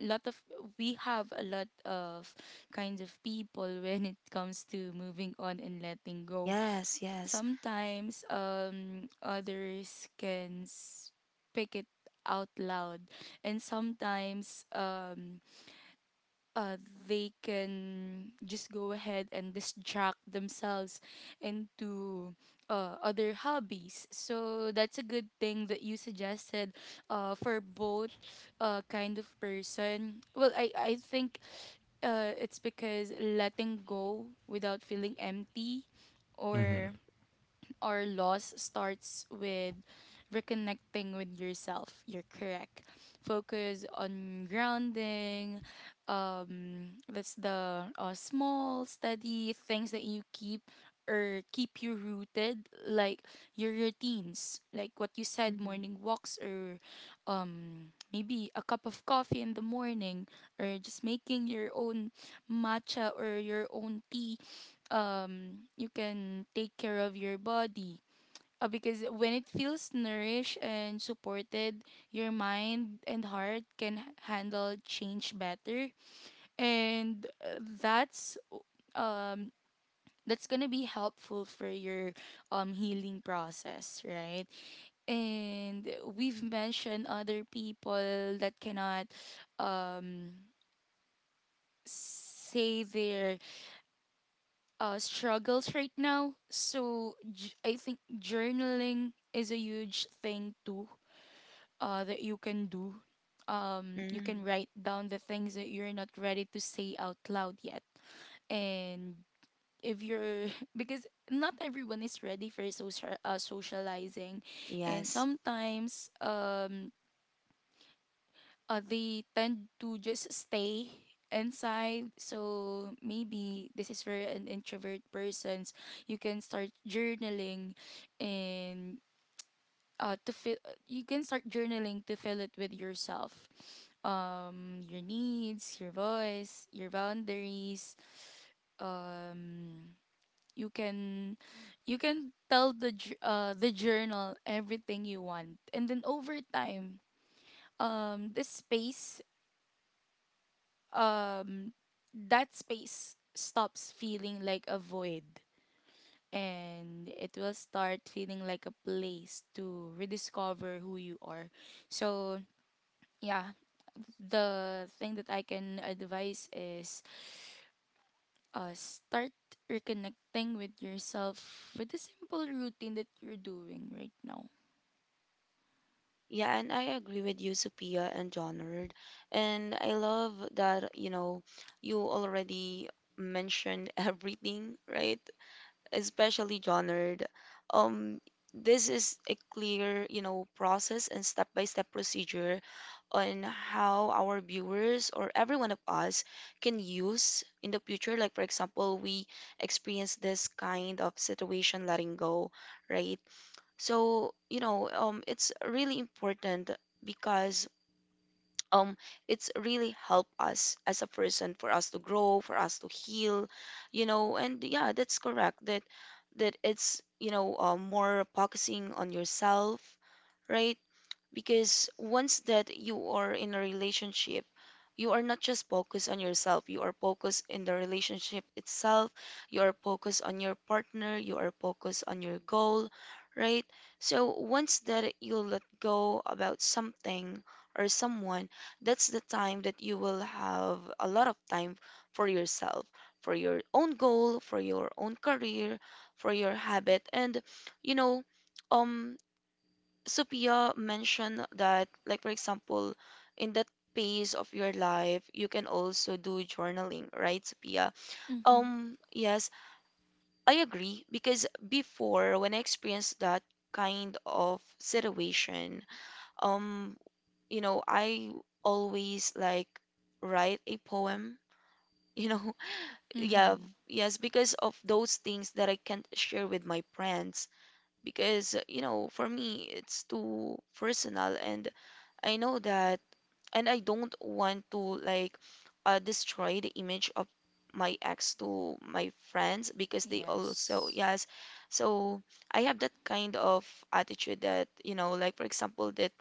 S2: lot of we have a lot of kinds of people when it comes to moving on and letting go.
S1: Yes, yes.
S2: Sometimes others can speak it out loud, and sometimes uh they can just go ahead and distract themselves into other hobbies. So that's a good thing that you suggested for both kind of person. Well, i think it's because letting go without feeling empty
S3: Mm-hmm.
S2: or loss starts with reconnecting with yourself. You're correct. Focus on grounding. That's the small, steady things that you keep or keep you rooted, like your routines, like what you said,
S1: Mm-hmm.
S2: morning walks or maybe a cup of coffee in the morning, or just making your own matcha or your own tea. You can take care of your body, because when it feels nourished and supported your mind and heart can handle change better. And um that's gonna be helpful for your healing process, right? And we've mentioned other people that cannot um say their struggles right now. So I think journaling is a huge thing too, that you can do. You
S1: Mm-hmm.
S2: can write down the things that you're not ready to say out loud yet, and if you're, because not everyone is ready for social socializing, and
S1: Yes.
S2: sometimes they tend to just stay inside, so maybe this is for an introvert persons. You can start journaling, and to feel you can start journaling to fill it with yourself, your needs, your voice, your boundaries. um you can tell the the journal everything you want, and then over time this space, um that space stops feeling like a void, and it will start feeling like a place to rediscover who you are. So yeah, the thing that I can advise is start reconnecting with yourself with the simple routine that you're doing right now.
S1: Yeah, and I agree with you, Sophia and Jonard. And I love that, you already mentioned everything, right? Especially Jonard. Um, this is a clear, process and step-by-step procedure on how our viewers or every one of us can use in the future. Like, for example, we experience this kind of situation letting go, right? So, it's really important because um, it's really help us as a person for us to grow, for us to heal, you know. And yeah, that's correct that it's, more focusing on yourself, right? Because once that you are in a relationship, you are not just focused on yourself, you are focused in the relationship itself, you are focused on your partner, you are focused on your goal, right? So once that you let go about something or someone, that's the time that you will have a lot of time for yourself, for your own goal, for your own career, for your habit, and you know um Sophia mentioned that, like, for example, in that phase of your life, you can also do journaling, right, Sophia?
S2: Mhm.
S1: Yes, I agree, because before when I experienced that kind of situation, um, you know, I always like write a poem, you know, yeah,
S2: Mhm.
S1: yes, because of those things that I can't share with my friends because, you know, for me, it's too personal. And I know that, and I don't want to like destroy the image of my ex to my friends because they also,
S2: Yes.
S1: yes. So I have that kind of attitude that, you know, like for example, that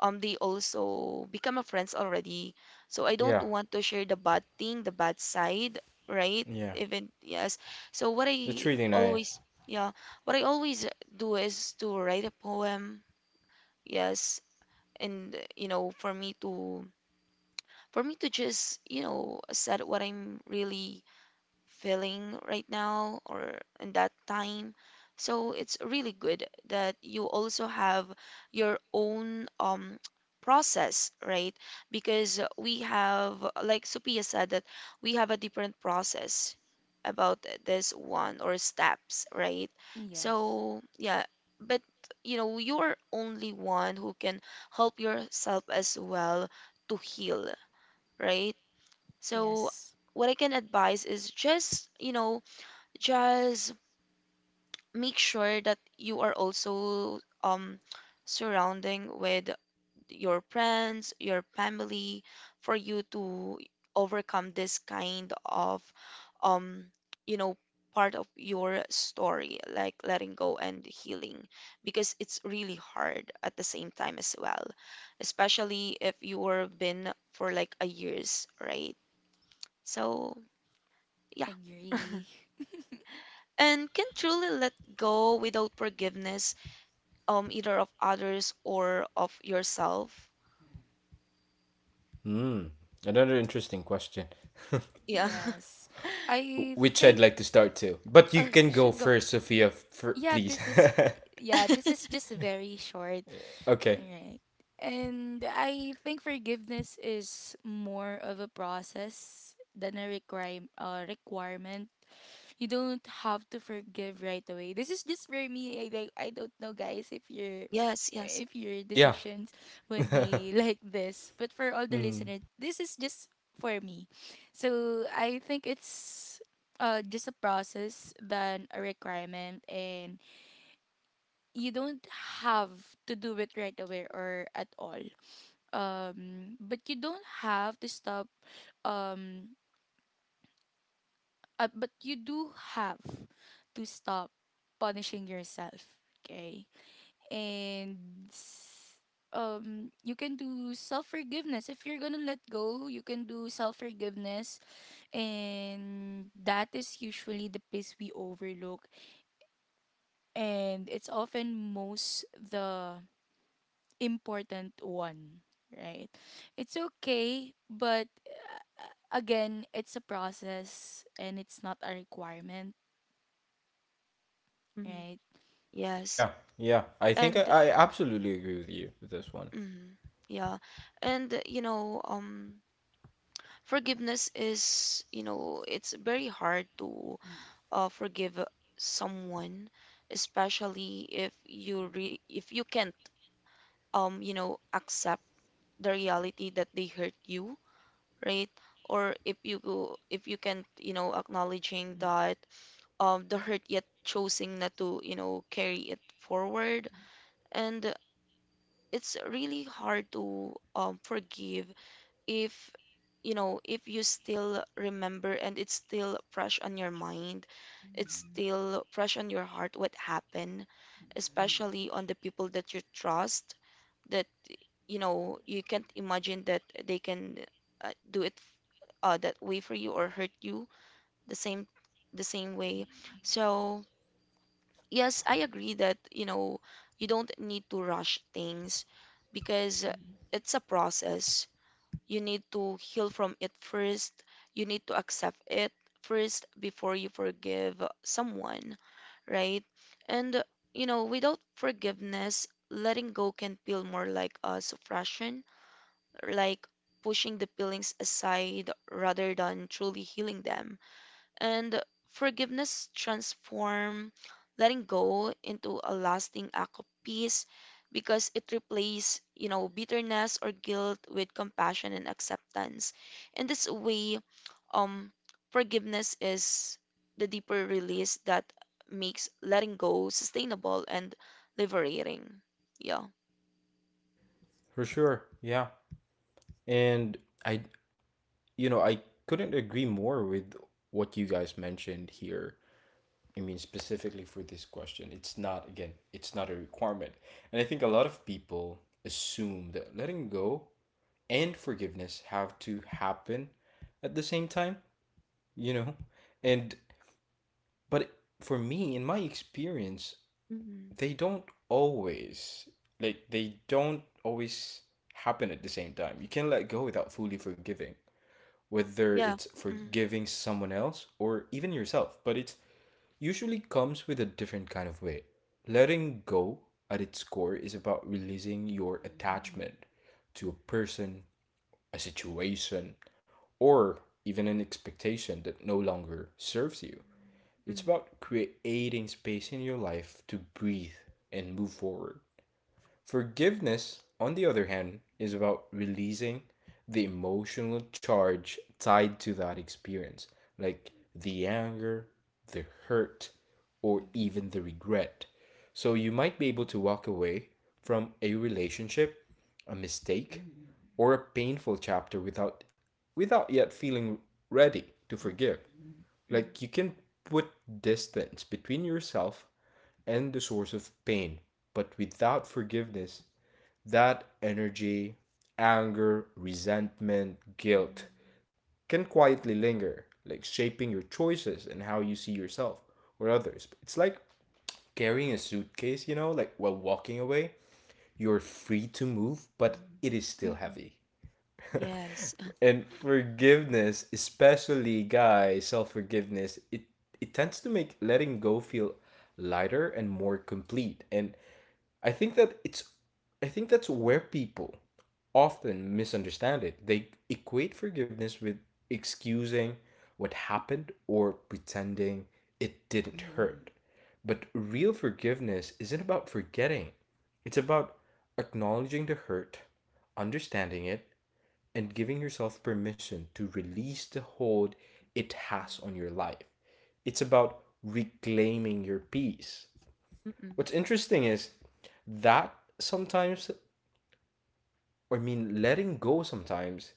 S1: they also become a friends already. So I don't
S3: Yeah.
S1: want to share the bad thing, the bad side, right?
S3: Yeah.
S1: Even yes. So what I
S3: That's really nice.
S1: always, yeah, what I always do is to write a poem. Yes, and you know, for me to, for me to just you know set what I'm really feeling right now or in that time. So it's really good that you also have your own process, right? Because we have, like Sophia said, that we have a different process about this one or steps, right?
S2: Yes.
S1: So yeah, but you know, you're only one who can help yourself as well to heal, right? So
S2: Yes.
S1: what I can advise is just, you know, just make sure that you are also surrounding with your friends, your family, for you to overcome this kind of um you know part of your story like letting go and healing, because it's really hard at the same time as well, especially if you were been for like a years, right? So yeah.
S2: Agree.
S1: And can truly let go without forgiveness, either of others or of yourself.
S3: Hmm. Another interesting question.
S1: Yeah.
S2: Yes,
S3: W-
S2: I
S3: which I'd
S2: think.
S3: like to start to. But you
S2: Oh,
S3: can go
S2: should go.
S3: first, Sophia,
S2: Yeah,
S3: please.
S2: this is, yeah, this is just very short.
S3: Okay.
S2: Right. And I think forgiveness is more of a process than a requirement. You don't have to forgive right away. This is just for me. I like I don't know guys if your,
S1: Yes, yes.
S2: if your
S3: Yeah.
S2: decisions would be like this. But for all the
S3: Mm.
S2: listeners, this is just for me. So I think it's just a process than a requirement, and you don't have to do it right away or at all. But you don't have to stop um but you do have to stop punishing yourself, okay? And you can do self forgiveness. If you're going to let go, you can do self forgiveness, and that is usually the piece we overlook, and it's often most the important one, right? It's okay, but again, it's a process and it's not a requirement,
S1: Hmm.
S2: right?
S1: Yes.
S3: Yeah. Yeah. I think
S1: And
S3: I absolutely agree with you with this one.
S1: mm, yeah. And you know, forgiveness is, you know, it's very hard to forgive someone, especially if you re- if you can't you know accept the reality that they hurt you, right? Or if you go- if you can, you know, acknowledging that the hurt, yet choosing not to, you know, carry it forward. And it's really hard to forgive if, you know, if you still remember and it's still fresh on your mind, it's still fresh on your heart what happened, especially on the people that you trust, that, you know, you can't imagine that they can do it that way for you or hurt you the same the same way. So yes, I agree that, you know, you don't need to rush things because it's a process. You need to heal from it first. You need to accept it first before you forgive someone, right? And, you know, without forgiveness, letting go can feel more like a suppression, like pushing the feelings aside rather than truly healing them. And forgiveness transform letting go into a lasting act of peace, because it replaces, you know, bitterness or guilt with compassion and acceptance. In this way, um, forgiveness is the deeper release that makes letting go sustainable and liberating. Yeah.
S3: For sure. Yeah. And I, you know, I couldn't agree more with what you guys mentioned here. I mean, specifically for this question, it's not, again, it's not a requirement. And I think a lot of people assume that letting go and forgiveness have to happen at the same time, you know? And But for me in my experience,
S1: Mm-hmm.
S3: they don't always like they don't always happen at the same time. You can't let go without fully forgiving, whether
S1: Yeah.
S3: it's
S1: Mm-hmm.
S3: forgiving someone else or even yourself, but it usually comes with a different kind of way. Letting go at its core is about releasing your attachment to a person, a situation, or even an expectation that no longer serves you. It's
S1: Mm-hmm.
S3: about creating space in your life to breathe and move forward. Forgiveness, on the other hand, is about releasing the emotional charge tied to that experience, like the anger, the hurt, or even the regret. So you might be able to walk away from a relationship, a mistake, or a painful chapter without yet feeling ready to forgive. Like you can put distance between yourself and the source of pain, but without forgiveness, that energy, anger, resentment, guilt can quietly linger, like shaping your choices and how you see yourself or others. It's like carrying a suitcase, like while walking away, you're free to move, but it is still
S1: Mm-hmm.
S3: heavy.
S1: Yes.
S3: And forgiveness, especially guys, self-forgiveness, it tends to make letting go feel lighter and more complete. And I think that it's I think that's where people often misunderstand it. They equate forgiveness with excusing what happened or pretending it didn't hurt. But real forgiveness isn't about forgetting. It's about acknowledging the hurt, understanding it, and giving yourself permission to release the hold it has on your life. It's about reclaiming your peace.
S1: Mm-mm.
S3: What's interesting is that sometimes, I mean, letting go sometimes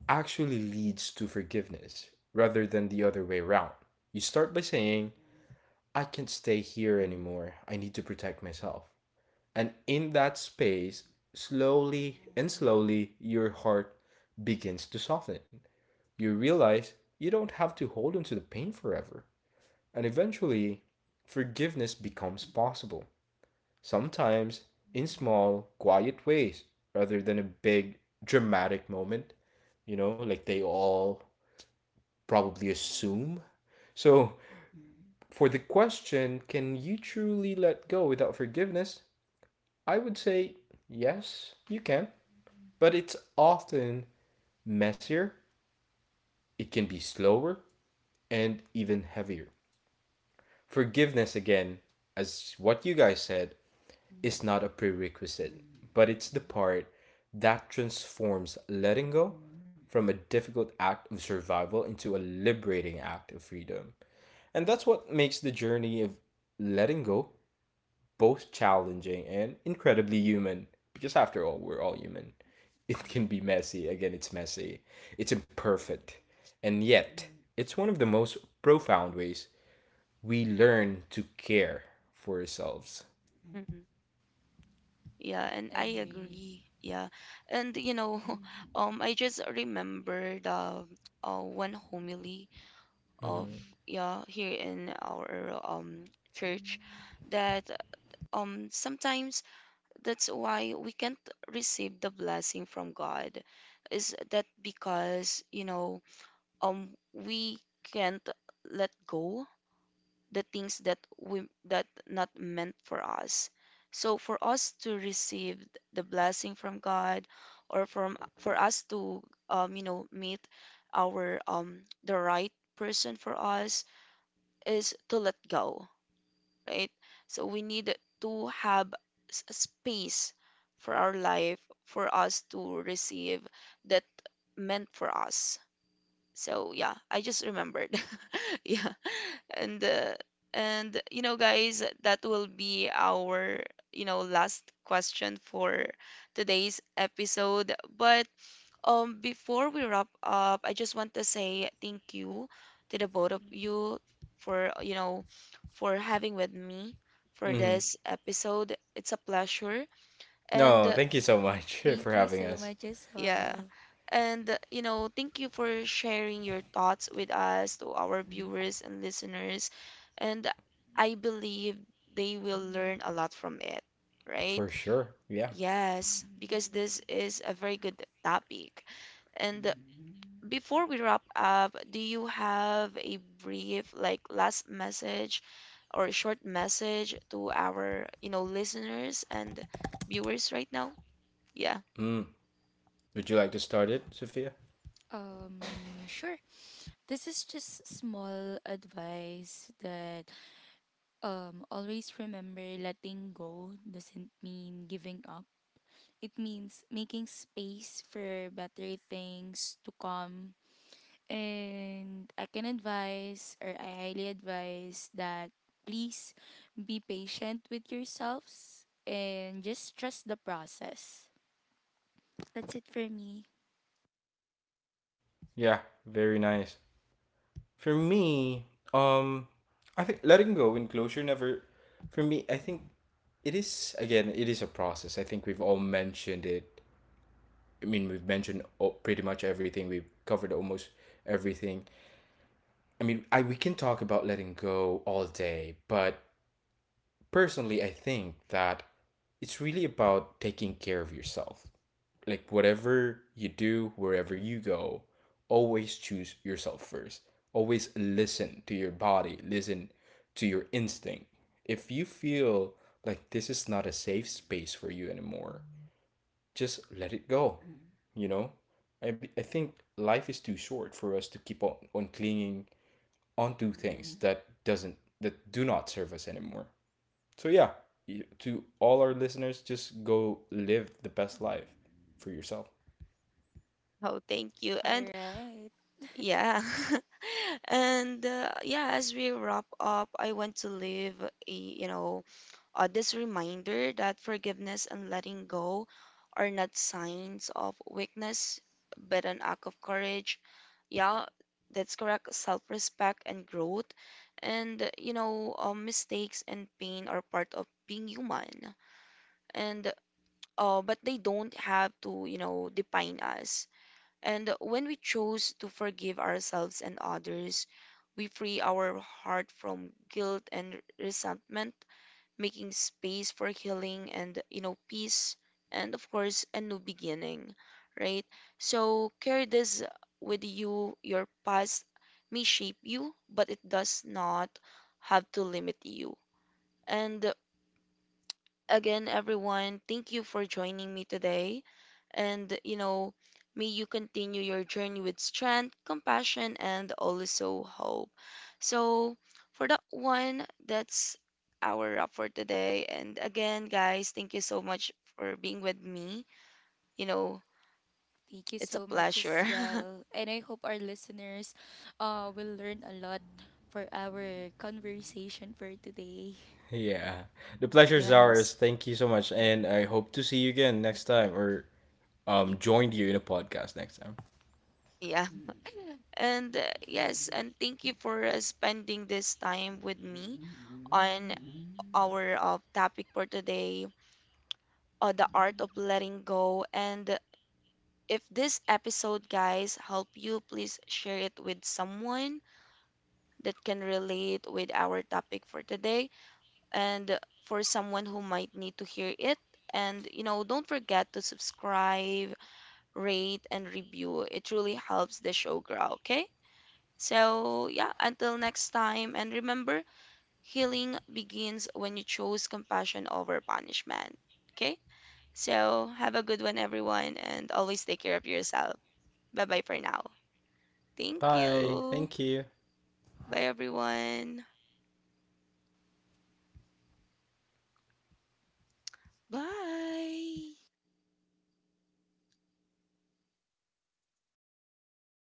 S3: actually leads to forgiveness rather than the other way around. You start by saying, I can't stay here anymore. I need to protect myself. And in that space, slowly and slowly, your heart begins to soften. You realize you don't have to hold onto the pain forever. And eventually, forgiveness becomes possible. Sometimes in small, quiet ways rather than a big, dramatic moment, you know, like they all probably assume. So, for the question, can you truly let go without forgiveness? I would say yes, you can, but it's often messier, it can be slower, and even heavier. Forgiveness, again, as what you guys said, is not a prerequisite, but it's the part that transforms letting go from a difficult act of survival into a liberating act of freedom. And that's what makes the journey of letting go both challenging and incredibly human. Because after all, we're all human. It can be messy. Again, it's messy. It's imperfect. And yet, it's one of the most profound ways we learn to care for ourselves.
S1: Mm-mm. Yeah, and I
S2: Agree.
S1: agree. Yeah. And you know, I just remembered one homily of, yeah, here in our church that sometimes that's why we can't receive the blessing from God, is that because, you know, um we can't let go the things that we, that not meant for us. So for us to receive the blessing from God, or from, for us to you know, meet our the right person for us is to let go, right? So we need to have s- space for our life, for us to receive that meant for us. So yeah, I just remembered. Yeah. And and you know guys, that will be our, you know, last question for today's episode. But before we wrap up, I just want to say thank you to the both of you for, you know, for having with me for
S3: Hmm.
S1: this episode. It's a pleasure. And
S3: No, thank you so much for
S2: Thank you
S3: having
S2: so
S3: us.
S2: much as
S1: yeah.
S2: well.
S1: And, you know, thank you for sharing your thoughts with us, to our viewers and listeners. And I believe they will learn a lot from it, right?
S3: For sure. Yeah.
S1: Yes, because this is a very good topic. And before we wrap up, do you have a brief, like, last message or a short message to our, you know, listeners and viewers right now? Yeah.
S3: Mm. Would you like to start it, Sophia?
S2: Sure. This is just small advice that always remember letting go doesn't mean giving up. It means making space for better things to come. And I can advise or I highly advise that please be patient with yourselves and just trust the process. That's it for me.
S3: Yeah, very nice. For me, um I think letting go and closure never for me, I think it is again, it is a process. I think we've all mentioned it. I mean, we've mentioned pretty much everything. We've covered almost everything. I mean, I we can talk about letting go all day, but personally, I think that it's really about taking care of yourself. Like whatever you do, wherever you go, always choose yourself first. Always listen to your body, listen to your instinct. If you feel like this is not a safe space for you anymore, just let it go. You know, I think life is too short for us to keep on, clinging onto things that doesn't that do not serve us anymore. So yeah, to all our listeners, just go live the best life for yourself.
S1: Oh, thank you.
S2: All
S1: And
S2: right.
S1: yeah. And yeah, as we wrap up, I want to leave a, you know, this reminder that forgiveness and letting go are not signs of weakness, but an act of courage. Yeah, that's correct. Self-respect and growth. And, mistakes and pain are part of being human. And, but they don't have to, you know, define us. And when we choose to forgive ourselves and others, we free our heart from guilt and resentment, making space for healing and, you know, peace, and, of course, a new beginning, right? So carry this with you. Your past may shape you, but it does not have to limit you. And again, everyone, thank you for joining me today. And, you know, may you continue your journey with strength, compassion, and also hope. So, for that one, that's our wrap for today. And again, guys, thank you so much for being with me. You know,
S2: Thank you
S1: it's a
S2: so much
S1: pleasure.
S2: as well. And I hope our listeners will learn a lot for our conversation for today.
S3: Yeah. The pleasure's
S1: Yes.
S3: ours. Thank you so much. And I hope to see you again next time or join you in a podcast next time.
S1: Yeah. And yes, and thank you for spending this time with me on our topic for today, the art of letting go. And if this episode, guys, help you, please share it with someone that can relate with our topic for today and for someone who might need to hear it. And you know, don't forget to subscribe, rate, and review. It truly helps the show grow, okay? So, yeah, until next time, and remember, healing begins when you choose compassion over punishment. Okay? So, have a good one, everyone, and always take care of yourself. Bye bye for now. Thank
S3: Bye.
S1: you.
S3: Thank you.
S1: Bye, everyone. Bye.